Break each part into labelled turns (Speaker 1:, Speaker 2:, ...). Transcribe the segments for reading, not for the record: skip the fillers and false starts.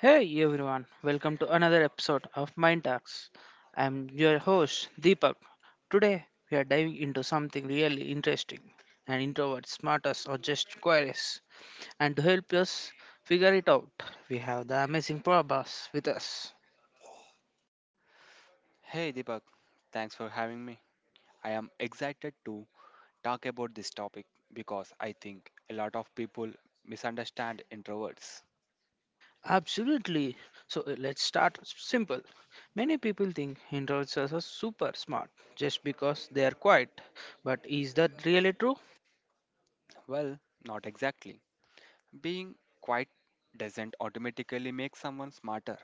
Speaker 1: Hey everyone, welcome to another episode of Mind Talks. I'm your host Deepak. Today we are diving into something really interesting and introverts, smartest, or just curious. And to help us figure it out, we have the amazing Prabhas with us.
Speaker 2: Hey Deepak, thanks for having me. I am excited to talk about this topic because I think a lot of people misunderstand introverts.
Speaker 1: Absolutely. So let's start simple. Many people think introverts are so super smart just because they are quiet. But is that really true?
Speaker 2: Well, not exactly. Being quiet doesn't automatically make someone smarter.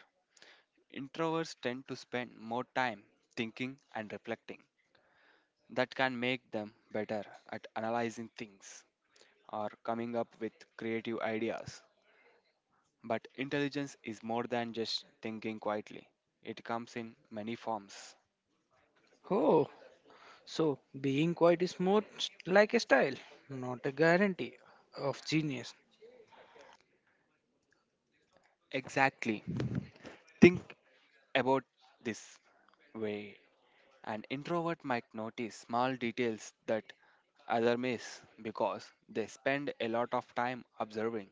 Speaker 2: Introverts tend to spend more time thinking and reflecting. That can make them better at analyzing things or coming up with creative ideas. But intelligence is more than just thinking quietly, it comes in many forms.
Speaker 1: Oh. So being quiet is more like a style, not a guarantee of genius.
Speaker 2: Exactly. Think about this way. An introvert might notice small details that other miss because they spend a lot of time observing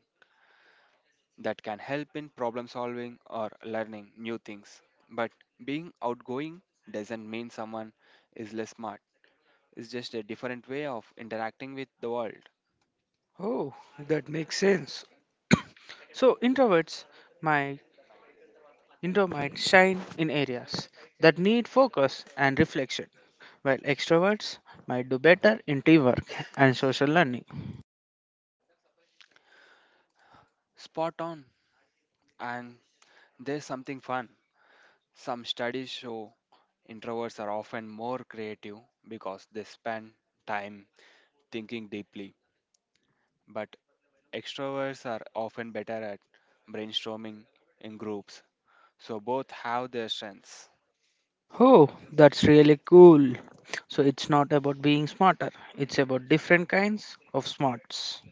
Speaker 2: that can help in problem solving or learning new things. But being outgoing doesn't mean someone is less smart. It's just a different way of interacting with the world.
Speaker 1: Oh, that makes sense. So introverts might, might shine in areas that need focus and reflection, while extroverts might do better in teamwork and social learning.
Speaker 2: Spot on. And there's something fun. Some studies show introverts are often more creative because they spend time thinking deeply, but extroverts are often better at brainstorming in groups. So both have their strengths.
Speaker 1: Oh, that's really cool. So it's not about being smarter, it's about different kinds of smarts.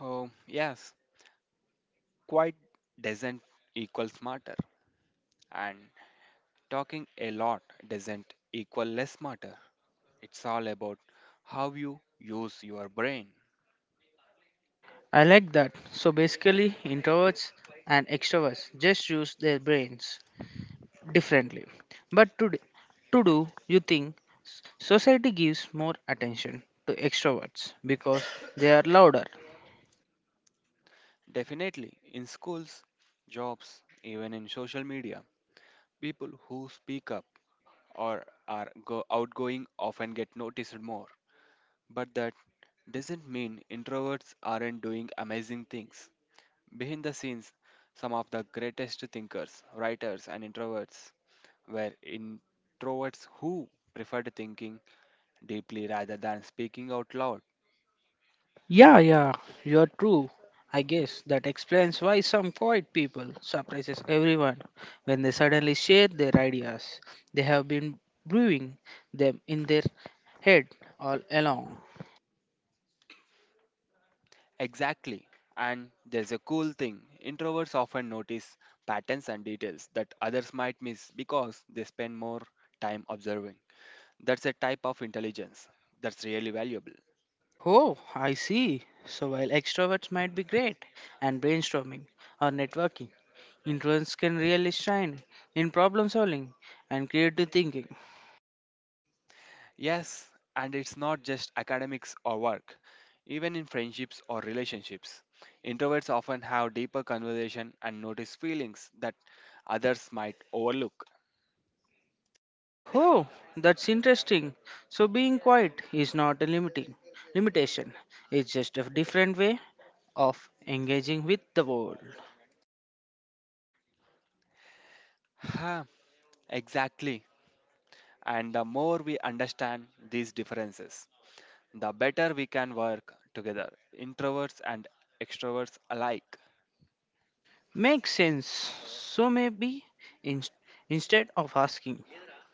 Speaker 2: Oh, yes, quite doesn't equal smarter, and talking a lot doesn't equal less smarter. It's all about how you use your brain.
Speaker 1: I like that. So basically, introverts and extroverts just use their brains differently. But to do, you think society gives more attention to extroverts because they are louder.
Speaker 2: Definitely, in schools, jobs, even in social media, people who speak up or are outgoing often get noticed more. But that doesn't mean introverts aren't doing amazing things. Behind the scenes, some of the greatest thinkers, writers, and introverts were introverts who preferred thinking deeply rather than speaking out loud.
Speaker 1: Yeah, yeah, you're true. I guess that explains why some quiet people surprises everyone when they suddenly share their ideas. They have been brewing them in their head all along.
Speaker 2: Exactly. And there's a cool thing. Introverts often notice patterns and details that others might miss because they spend more time observing. That's a type of intelligence that's really valuable.
Speaker 1: Oh, I see. So while extroverts might be great and brainstorming or networking, introverts can really shine in problem solving and creative thinking.
Speaker 2: Yes, and it's not just academics or work. Even in friendships or relationships, introverts often have deeper conversation and notice feelings that others might overlook.
Speaker 1: Oh, that's interesting. So being quiet is not a limiting limitation. It's just a different way of engaging with the world.
Speaker 2: Ha, exactly. And the more we understand these differences, the better we can work together, introverts and extroverts alike.
Speaker 1: Makes sense. So maybe in, instead of asking,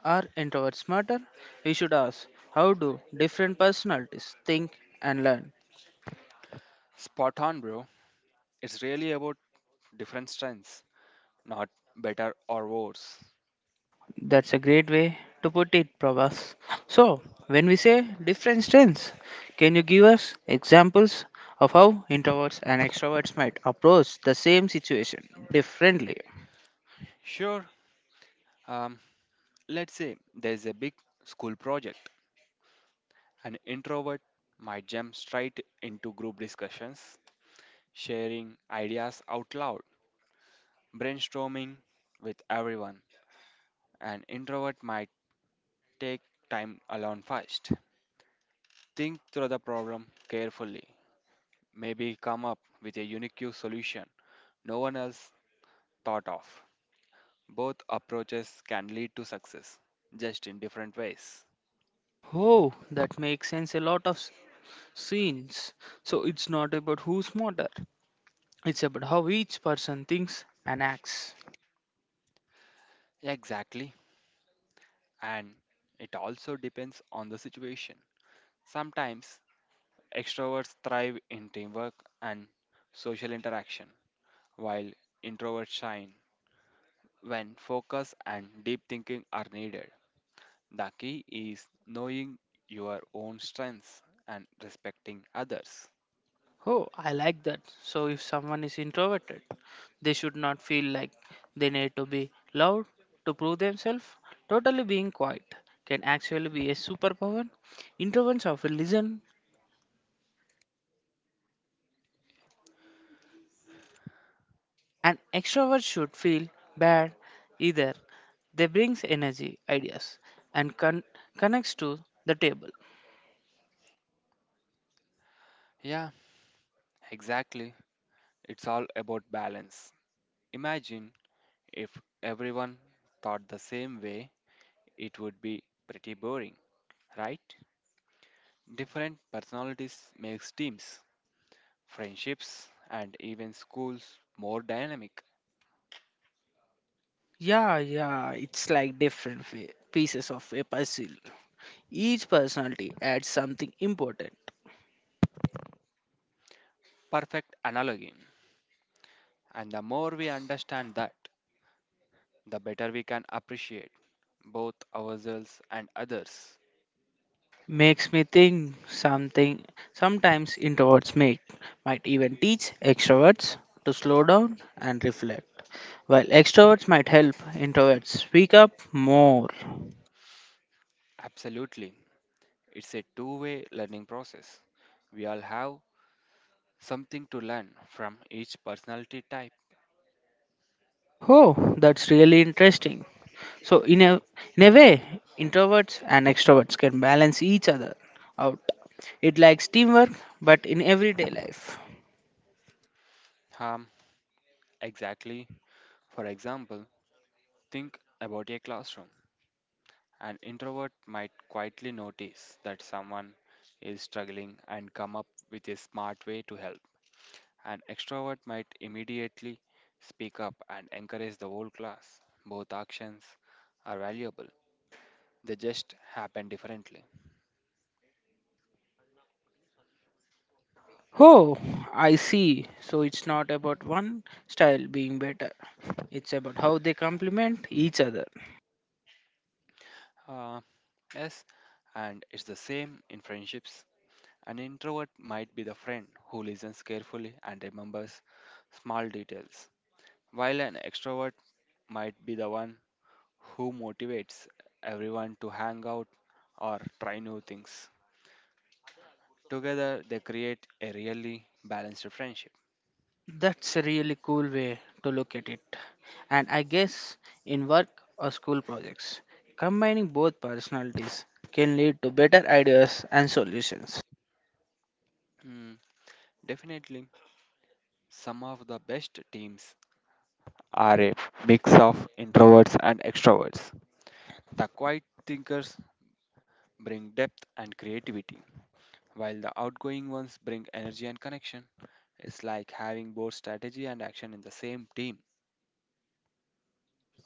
Speaker 1: are introverts smarter? We should ask, how do different personalities think and learn?
Speaker 2: Spot on, bro. It's really about different strengths, not better or worse.
Speaker 1: That's a great way to put it, Prabhas. So, when we say different strengths, can you give us examples of how introverts and extroverts might approach the same situation differently?
Speaker 2: Sure, um, let's say there's a big school project. An introvert might jump straight into group discussions, sharing ideas out loud, brainstorming with everyone. An introvert might take time alone first, think through the problem carefully maybe come up with a unique solution no one else thought of. Both approaches can lead to success, just in different ways.
Speaker 1: Oh, that makes sense. A lot of scenes. So it's not about who's smarter, it's about how each person thinks and acts.
Speaker 2: Exactly, and it also depends on the situation. Sometimes extroverts thrive in teamwork and social interaction, while introverts shine when focus and deep thinking are needed. The key is knowing your own strengths and respecting others.
Speaker 1: Oh, I like that. So if someone is introverted, they should not feel like they need to be loud to prove themselves. Totally being quiet can actually be a superpower. Introverts often listen, and extroverts should feel bad either. They brings energy, ideas, and connects to the table.
Speaker 2: Yeah, exactly. It's all about balance. Imagine if everyone thought the same way, it would be pretty boring, right? Different personalities makes teams, friendships, and even schools more dynamic.
Speaker 1: Yeah, yeah, it's like different pieces of a puzzle. Each personality adds something important.
Speaker 2: Perfect analogy. And the more we understand that, the better we can appreciate both ourselves and others.
Speaker 1: Makes me think something sometimes introverts make. Might even teach extroverts to slow down and reflect. While extroverts might help introverts speak up more.
Speaker 2: Absolutely. It's a two-way learning process. We all have something to learn from each personality type.
Speaker 1: Oh, that's really interesting. So in a way, introverts and extroverts can balance each other out. It likes teamwork, but in everyday life.
Speaker 2: Um, exactly. For example, think about a classroom. An introvert might quietly notice that someone is struggling and come up with a smart way to help. An extrovert might immediately speak up and encourage the whole class. Both actions are valuable, they just happen differently.
Speaker 1: Oh, I see. So it's not about one style being better. It's about how they complement each other.
Speaker 2: Uh, yes, and it's the same in friendships. An introvert might be the friend who listens carefully and remembers small details, while an extrovert might be the one who motivates everyone to hang out or try new things. Together, they create a really balanced friendship.
Speaker 1: That's a really cool way to look at it. And I guess in work or school projects, combining both personalities can lead to better ideas and solutions.
Speaker 2: Hmm, Definitely, some of the best teams are a mix of introverts and extroverts. The quiet thinkers bring depth and creativity, while the outgoing ones bring energy and connection. It's like having both strategy and action in the same team.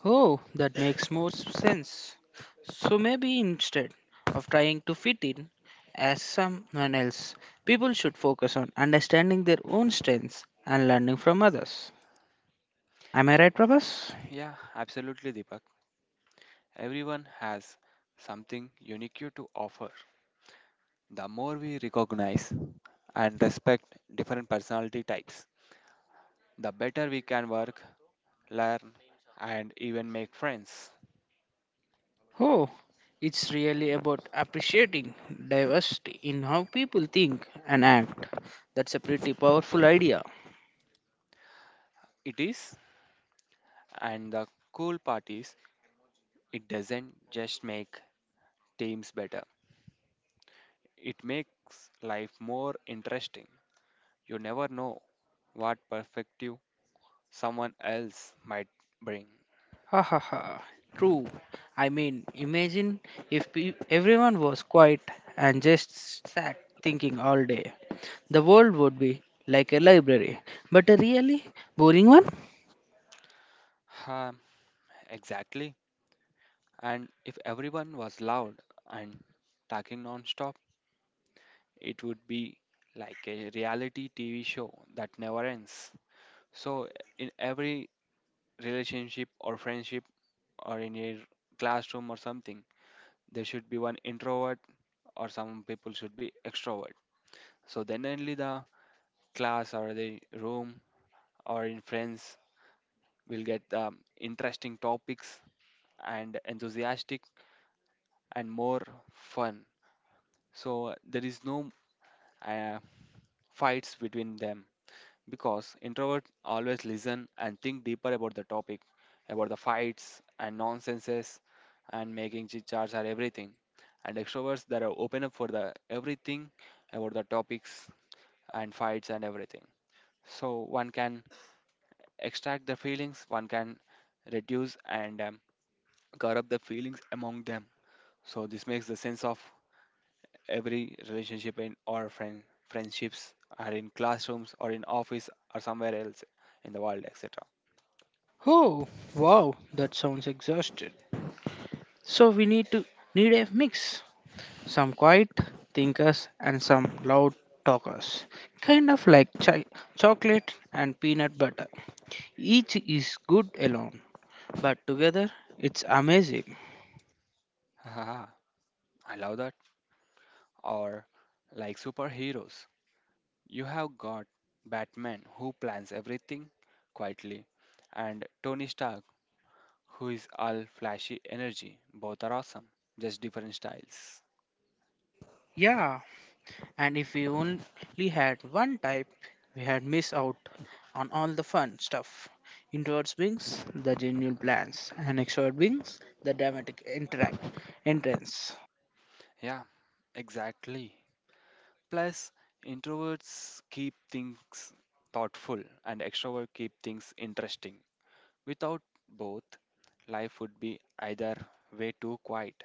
Speaker 1: Oh, that makes more sense. So maybe instead of trying to fit in as someone else, people should focus on understanding their own strengths and learning from others. Am I right, Prabhas?
Speaker 2: Yeah, absolutely, Deepak. Everyone has something unique to offer. The more we recognize and respect different personality types, the better we can work, learn, and even make friends.
Speaker 1: Oh, it's really about appreciating diversity in how people think and act. That's a pretty powerful idea.
Speaker 2: It is, and the cool part is, it doesn't just make teams better, it makes life more interesting. You never know what perspective someone else might bring.
Speaker 1: Ha ha ha. True. I mean, imagine if everyone was quiet and just sat thinking all day. The world would be like a library, but a really boring one.
Speaker 2: Um, exactly. And if everyone was loud and talking non-stop, it would be like a reality TV show that never ends. So in every relationship or friendship or in your classroom or something, there should be one introvert or some people should be extrovert. So then only the class or the room or in friends will get interesting topics and enthusiastic and more fun. So there is no uh, fights between them because introverts always listen and think deeper about the topic, about the fights and nonsenses and making chit chats or everything. And extroverts that are open up for the everything about the topics and fights and everything. So one can extract the feelings one can reduce and cover up the feelings among them, so this makes the sense of every relationship in or friendships are in classrooms or in office or somewhere else in the world etc.
Speaker 1: Oh, wow, that sounds exhausted. So we need to need a mix. Some quiet thinkers and some loud talkers. Kind of like chocolate and peanut butter. Each is good alone, but together it's amazing.
Speaker 2: Haha, I love that, or like superheroes. You have got Batman, who plans everything quietly, and Tony Stark, who is all flashy energy. Both are awesome, just different styles.
Speaker 1: Yeah, and if we only had one type, we had missed out on all the fun stuff. Introverts beings, the genuine plans, and extrovert beings, the dramatic interact entrance.
Speaker 2: Yeah, exactly. Plus, introverts keep things thoughtful and extroverts keep things interesting. Without both, life would be either way too quiet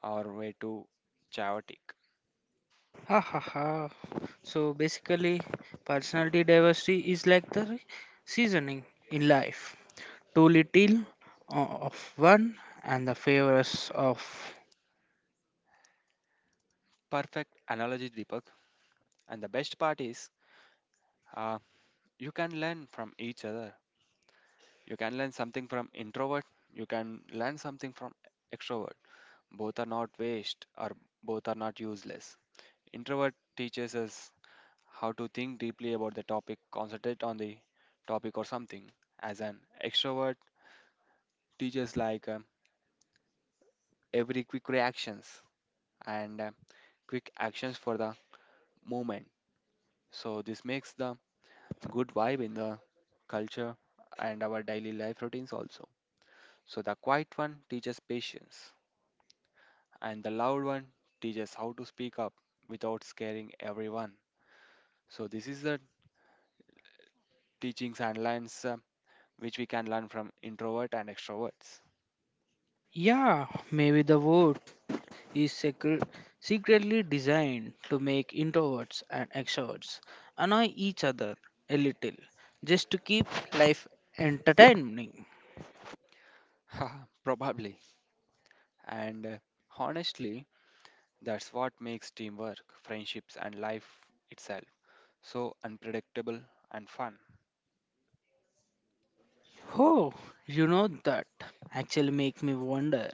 Speaker 2: or way too chaotic.
Speaker 1: Ha ha ha. So basically, personality diversity is like the seasoning in life. Too little of one and the favors of.
Speaker 2: Perfect analogy, Deepak. And the best part is, uh, you can learn from each other. You can learn something from introvert. You can learn something from extrovert. Both are not waste or both are not useless. Introvert teaches us how to think deeply about the topic, concentrate on the topic or something. As an extrovert, teaches like every quick reactions and quick actions for the moment. So this makes the good vibe in the culture and our daily life routines also. So the quiet one teaches patience and the loud one teaches how to speak up without scaring everyone. So this is the teachings and lines which we can learn from introvert and extroverts.
Speaker 1: Yeah, maybe the vote is secretly designed to make introverts and extroverts annoy each other a little just to keep life entertaining.
Speaker 2: Haha, probably. And honestly, that's what makes teamwork, friendships, and life itself so unpredictable and fun.
Speaker 1: Oh, you know that actually make me wonder,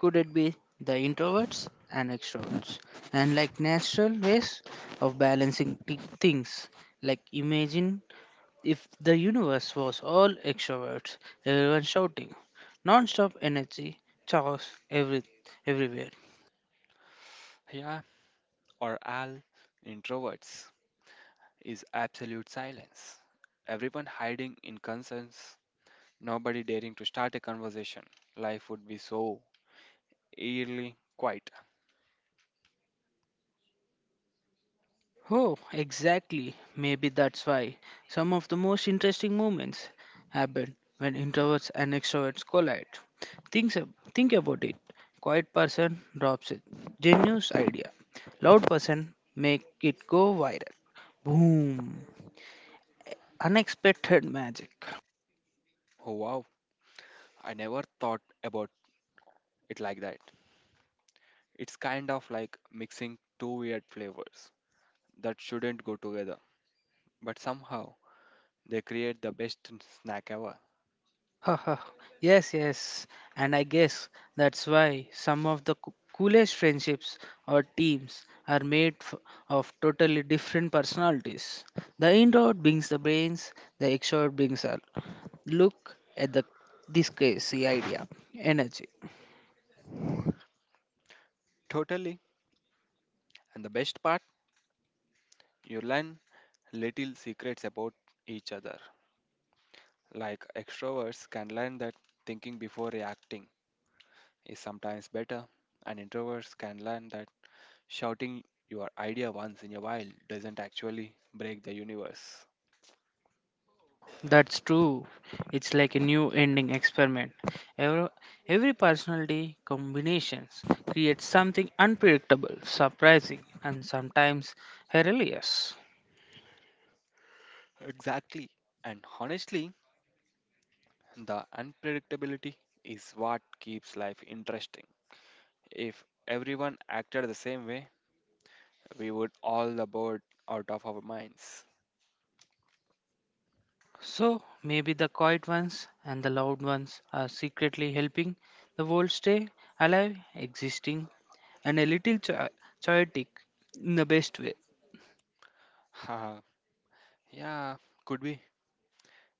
Speaker 1: could it be the introverts and extroverts and like natural ways of balancing things. Like imagine if the universe was all extroverts, everyone shouting, non-stop energy, chaos everywhere.
Speaker 2: Yeah, or introverts, is absolute silence. Everyone hiding in concerns, nobody daring to start a conversation. Life would be so eerily quiet.
Speaker 1: Oh, exactly. Maybe that's why some of the most interesting moments happen when introverts and extroverts collide. Think about it. Quiet person drops it. Genius idea. Loud person make it go viral. Boom. Unexpected magic.
Speaker 2: Oh wow, I never thought about it like that. It's kind of like mixing two weird flavors that shouldn't go together, but somehow they create the best snack ever.
Speaker 1: Yes, yes. And I guess that's why some of the coolest friendships or teams are made of totally different personalities. The introvert brings the brains, the extrovert brings our look at the this crazy idea, energy.
Speaker 2: Totally. And the best part, you learn little secrets about each other. Like extroverts can learn that thinking before reacting is sometimes better, and introverts can learn that shouting your idea once in a while doesn't actually break the universe.
Speaker 1: Oh, that's true. It's like a new ending experiment. Every, every personality combinations creates something unpredictable, surprising, and sometimes hilarious.
Speaker 2: Exactly. And honestly, the unpredictability is what keeps life interesting. If everyone acted the same way, we would all about out of our minds.
Speaker 1: So maybe the quiet ones and the loud ones are secretly helping the world stay alive, existing, and a little chaotic in the best way.
Speaker 2: Haha, yeah, could be.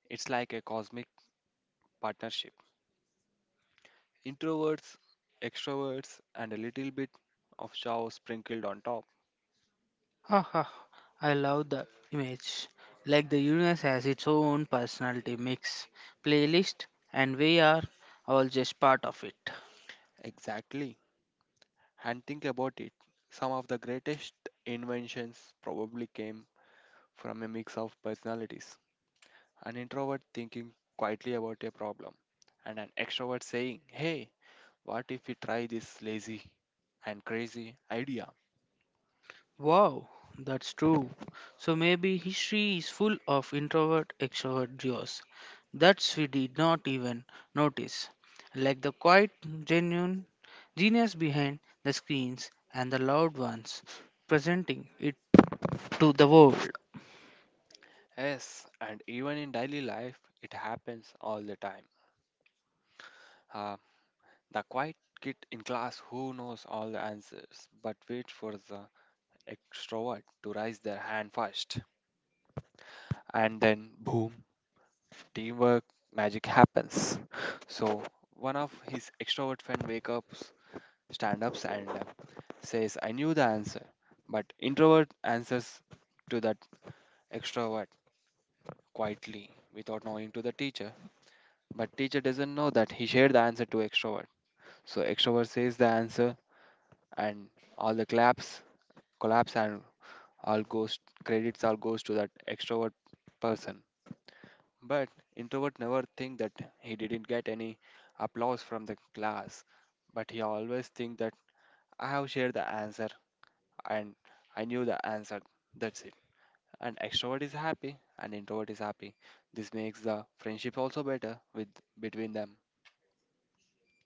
Speaker 2: It's like a cosmic partnership. Introverts, extroverts, and a little bit of chow sprinkled on top.
Speaker 1: Haha, I love the image. Like the universe has its own personality mix, playlist, and we are all just part of it.
Speaker 2: Exactly. And think about it. Some of the greatest inventions probably came from a mix of personalities. An introvert thinking quietly about a problem, and an extrovert saying, "Hey, what if we try this lazy and crazy idea?"
Speaker 1: Wow, that's true. So maybe history is full of introvert extrovert duos. That's we did not even notice. Like the quiet genuine genius behind the screens and the loud ones presenting it to the world.
Speaker 2: Yes, and even in daily life, it happens all the time. Uh, the quiet kid in class who knows all the answers but waits for the extrovert to raise their hand first. And then, boom, teamwork magic happens. So, one of his extrovert friend wake up, stand ups, and says, "I knew the answer." But introvert answers to that extrovert quietly without knowing to the teacher. But teacher doesn't know that he shared the answer to extrovert. So extrovert says the answer and all the claps collapse and all goes credits all goes to that extrovert person. But introvert never think that he didn't get any applause from the class. But he always think that I have shared the answer and I knew the answer. That's it. And extrovert is happy and introvert is happy. This makes the friendship also better with between them.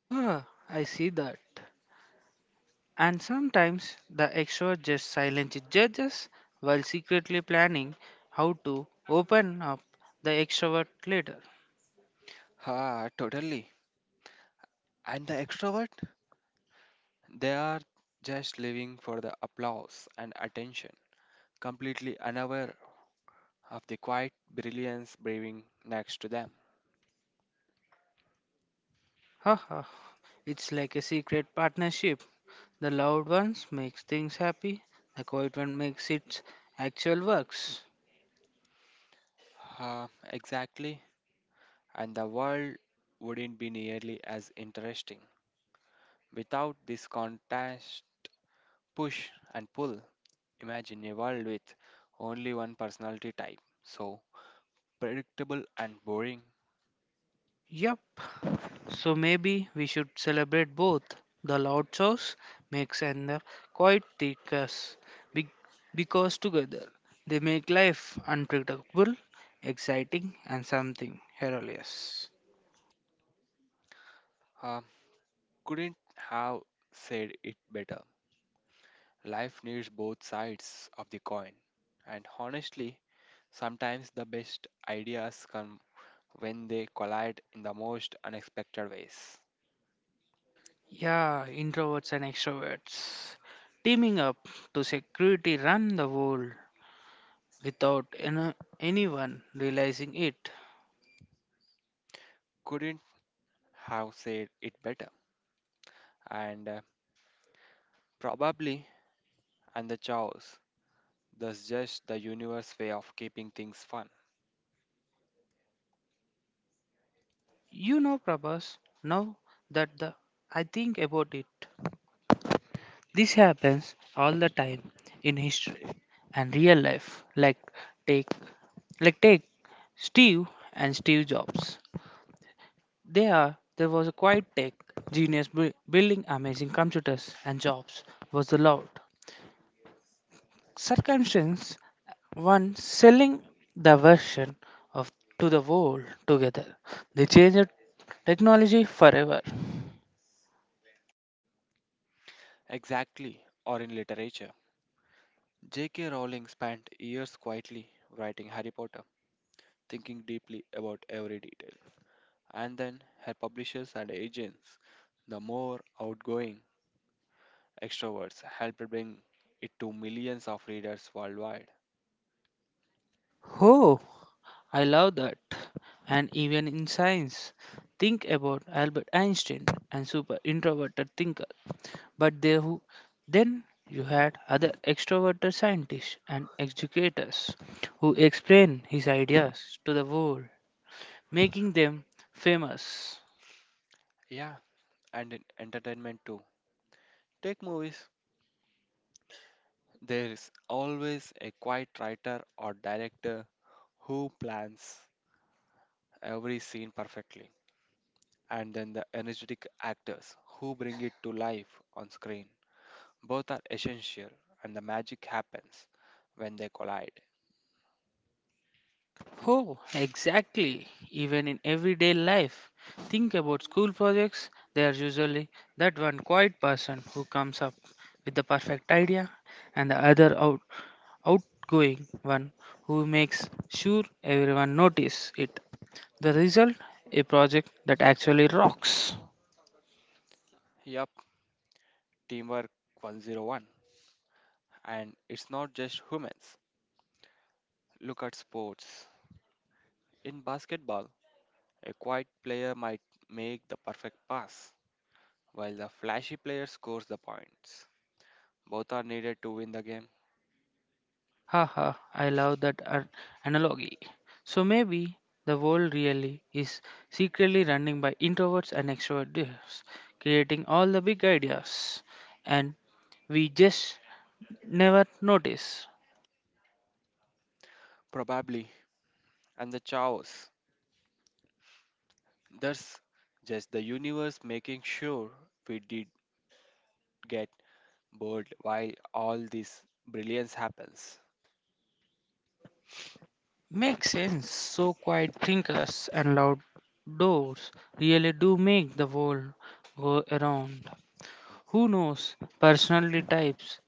Speaker 1: Ah, I see that. And sometimes the extrovert just silently judges while secretly planning how to open up the extrovert later.
Speaker 2: Ha, totally. And the extrovert, they are just living for the applause and attention, completely unaware of the quiet brilliance breathing next to them.
Speaker 1: Haha, it's like a secret partnership. The loud ones makes things happy, the quiet one makes its actual works.
Speaker 2: Uh, exactly, and the world wouldn't be nearly as interesting without this contrast, push and pull. Imagine a world with only one personality type, so predictable and boring.
Speaker 1: Yup. So maybe we should celebrate both. The loud chores makes and the quiet takers. Be- because together they make life unpredictable, exciting and something hilarious.
Speaker 2: Uh, couldn't have said it better. Life needs both sides of the coin, and honestly, sometimes the best ideas come when they collide in the most unexpected ways.
Speaker 1: Yeah, introverts and extroverts teaming up to security run the world without anyone realizing it.
Speaker 2: Couldn't have said it better. And probably, and the chaos, that's just the universe way of keeping things fun.
Speaker 1: You know, Prabhas, now that the I think about it, this happens all the time in history and real life. Take, like take Steve Steve Jobs. There was a quiet tech genius building amazing computers, and Jobs was the Lord. Circumstance one selling the version of to the world together. They changed technology forever.
Speaker 2: Exactly, or in literature. J.K. Rowling spent years quietly writing Harry Potter, thinking deeply about every detail, and then her publishers and agents, the more outgoing extroverts, helped bring it to millions of readers worldwide.
Speaker 1: Oh, I love that. And even in science, think about Albert Einstein and super introverted thinker. But then you had other extroverted scientists and educators who explain his ideas to the world, making them famous.
Speaker 2: Yeah, and in entertainment too. Take movies. There is always a quiet writer or director who plans every scene perfectly, and then the energetic actors who bring it to life on screen. Both are essential, and the magic happens when they collide.
Speaker 1: Oh, exactly. Even in everyday life, think about school projects. They are usually that one quiet person who comes up with the perfect idea, and the other outgoing one who makes sure everyone notice it. The result, a project that actually rocks.
Speaker 2: Yup, teamwork 101. And it's not just humans. Look at sports. In basketball, a quiet player might make the perfect pass, while the flashy player scores the points. Both are needed to win the game.
Speaker 1: Haha, I love that analogy. So maybe the world really is secretly running by introverts and extroverts, creating all the big ideas, and we just never notice.
Speaker 2: Probably. And the chaos, there's just the universe making sure we did get bored while all this brilliance happens.
Speaker 1: Makes sense. So quiet thinkers and loud doors really do make the world go around. Who knows? Personality types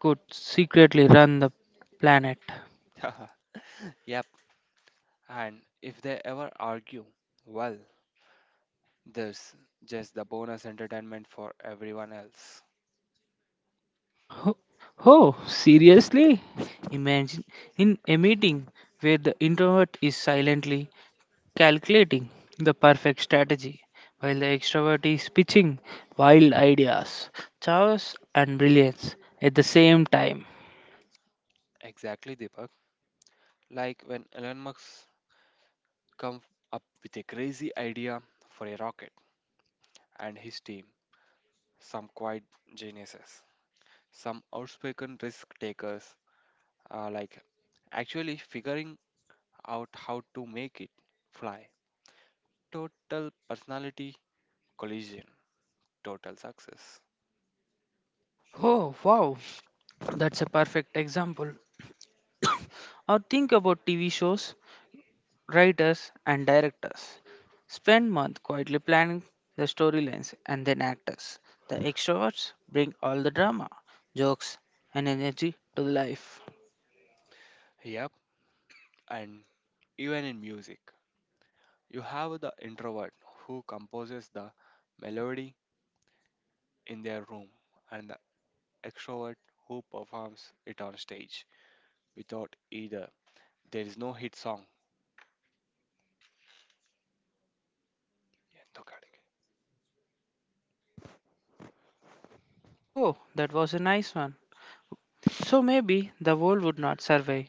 Speaker 1: could secretly run the planet.
Speaker 2: Yep. And if they ever argue, well, there's just the bonus entertainment for everyone else.
Speaker 1: Oh, oh, seriously? Imagine in a meeting where the introvert is silently calculating the perfect strategy while the extrovert is pitching wild ideas, chaos, and brilliance at the same time.
Speaker 2: Exactly, Deepak. Like when Elon Musk come up with a crazy idea for a rocket, and his team, some quiet geniuses, some outspoken risk takers, are like actually figuring out how to make it fly. Total personality collision, total success.
Speaker 1: Oh, wow, that's a perfect example. Or think about TV shows writers and directors spend months quietly planning the storylines and then actors. The extroverts bring all the drama, jokes, and energy to the life.
Speaker 2: Yep, and even in music, you have the introvert who composes the melody in their room and extrovert who performs it on stage. Without either, there is no hit song.
Speaker 1: Oh, that was a nice one. So maybe the world would not survive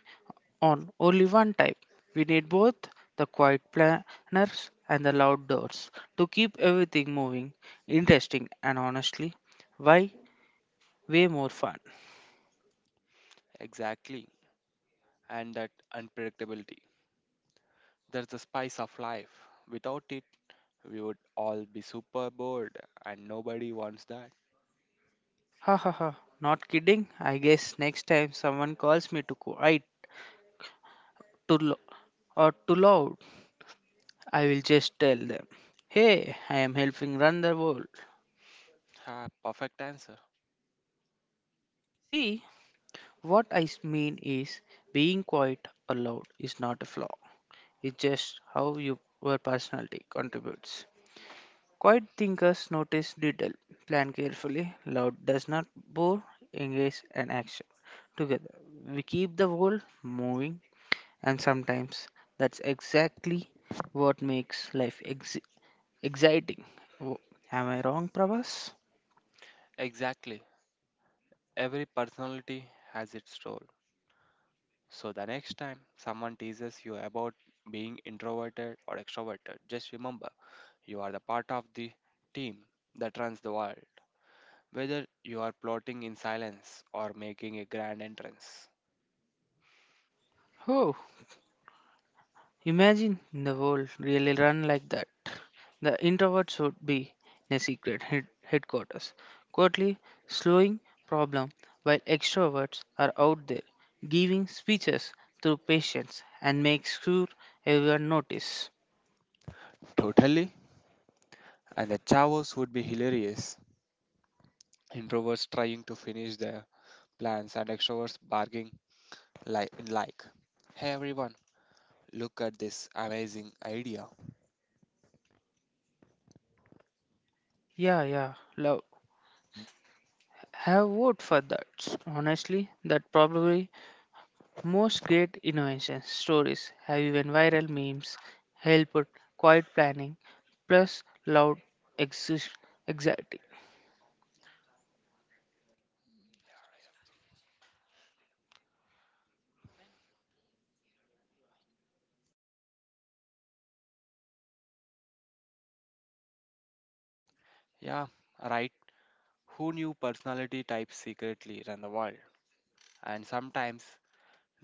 Speaker 1: on only one type. We need both the quiet planners and the loud doors to keep everything moving, interesting, and honestly, why way more fun.
Speaker 2: Exactly, and that unpredictability, that's the spice of life. Without it, we would all be super bored, and nobody wants that.
Speaker 1: Ha ha ha. Not kidding. I guess next time someone calls me too quiet, too low, or too loud, I will just tell them, "Hey, I am helping run the world."
Speaker 2: Ah, perfect answer.
Speaker 1: See, what I mean is, being quiet or loud is not a flaw. It's just how your personality contributes. Quiet thinkers notice detail, plan carefully. Loud does not bore, engage, and action. Together, we keep the world moving. And sometimes that's exactly what makes life exciting. Oh, am I wrong, Prabhas?
Speaker 2: Exactly. Every personality has its role. So the next time someone teases you about being introverted or extroverted, just remember you are the part of the team that runs the world, whether you are plotting in silence or making a grand entrance.
Speaker 1: Oh, imagine the world really run like that. The introverts would be in a secret headquarters, quietly slowing problem, while extroverts are out there giving speeches through patience and make sure everyone notice.
Speaker 2: Totally. And the chavos would be hilarious. Introverts trying to finish their plans and extroverts barking, like, "Hey everyone, look at this amazing idea."
Speaker 1: Yeah, yeah, love. Have vote for that. Honestly, that probably. Most great innovation stories have even viral memes, help with quiet planning, plus loud exist- anxiety.
Speaker 2: Yeah, right. Who knew personality types secretly run the world and sometimes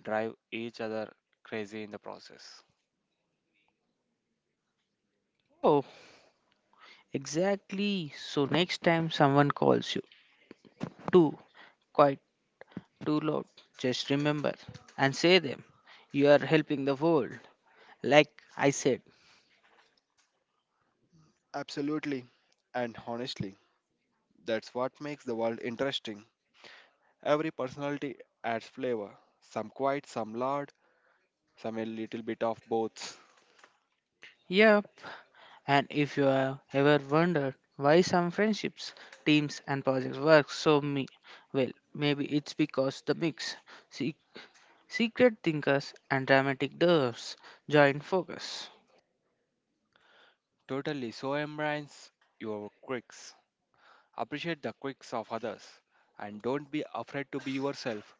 Speaker 2: drive each other crazy in the process?
Speaker 1: Oh, exactly. So next time someone calls you too quiet, too loud, just remember and say them. You are helping the world. Like I said.
Speaker 2: Absolutely. And honestly, that's what makes the world interesting. Every personality adds flavor, some quiet, some loud, some a little bit of both.
Speaker 1: Yep. And if you have ever wondered why some friendships, teams and projects work so me well, maybe it's because the mix secret thinkers and dramatic doers join focus.
Speaker 2: Totally, so embrace your quirks. Appreciate the quirks of others and don't be afraid to be yourself,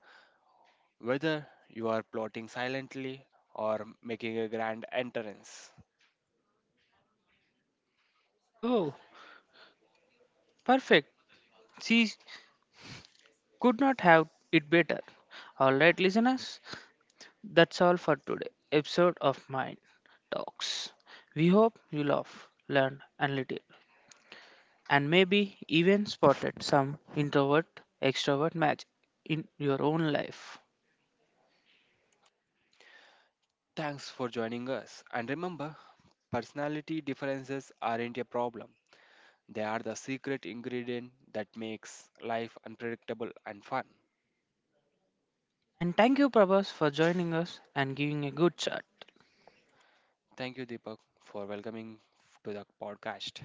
Speaker 2: whether you are plotting silently or making a grand entrance.
Speaker 1: Oh, perfect. She could not have it better. All right, listeners, that's all for today episode of Mind Talks. We hope you love, learn and little, and maybe even spotted some introvert extrovert match in your own life.
Speaker 2: Thanks for joining us. And remember, personality differences aren't a problem, they are the secret ingredient that makes life unpredictable and fun.
Speaker 1: And thank you, Prabhas, for joining us and giving a good chat.
Speaker 2: Thank you, Deepak, for welcoming to the podcast.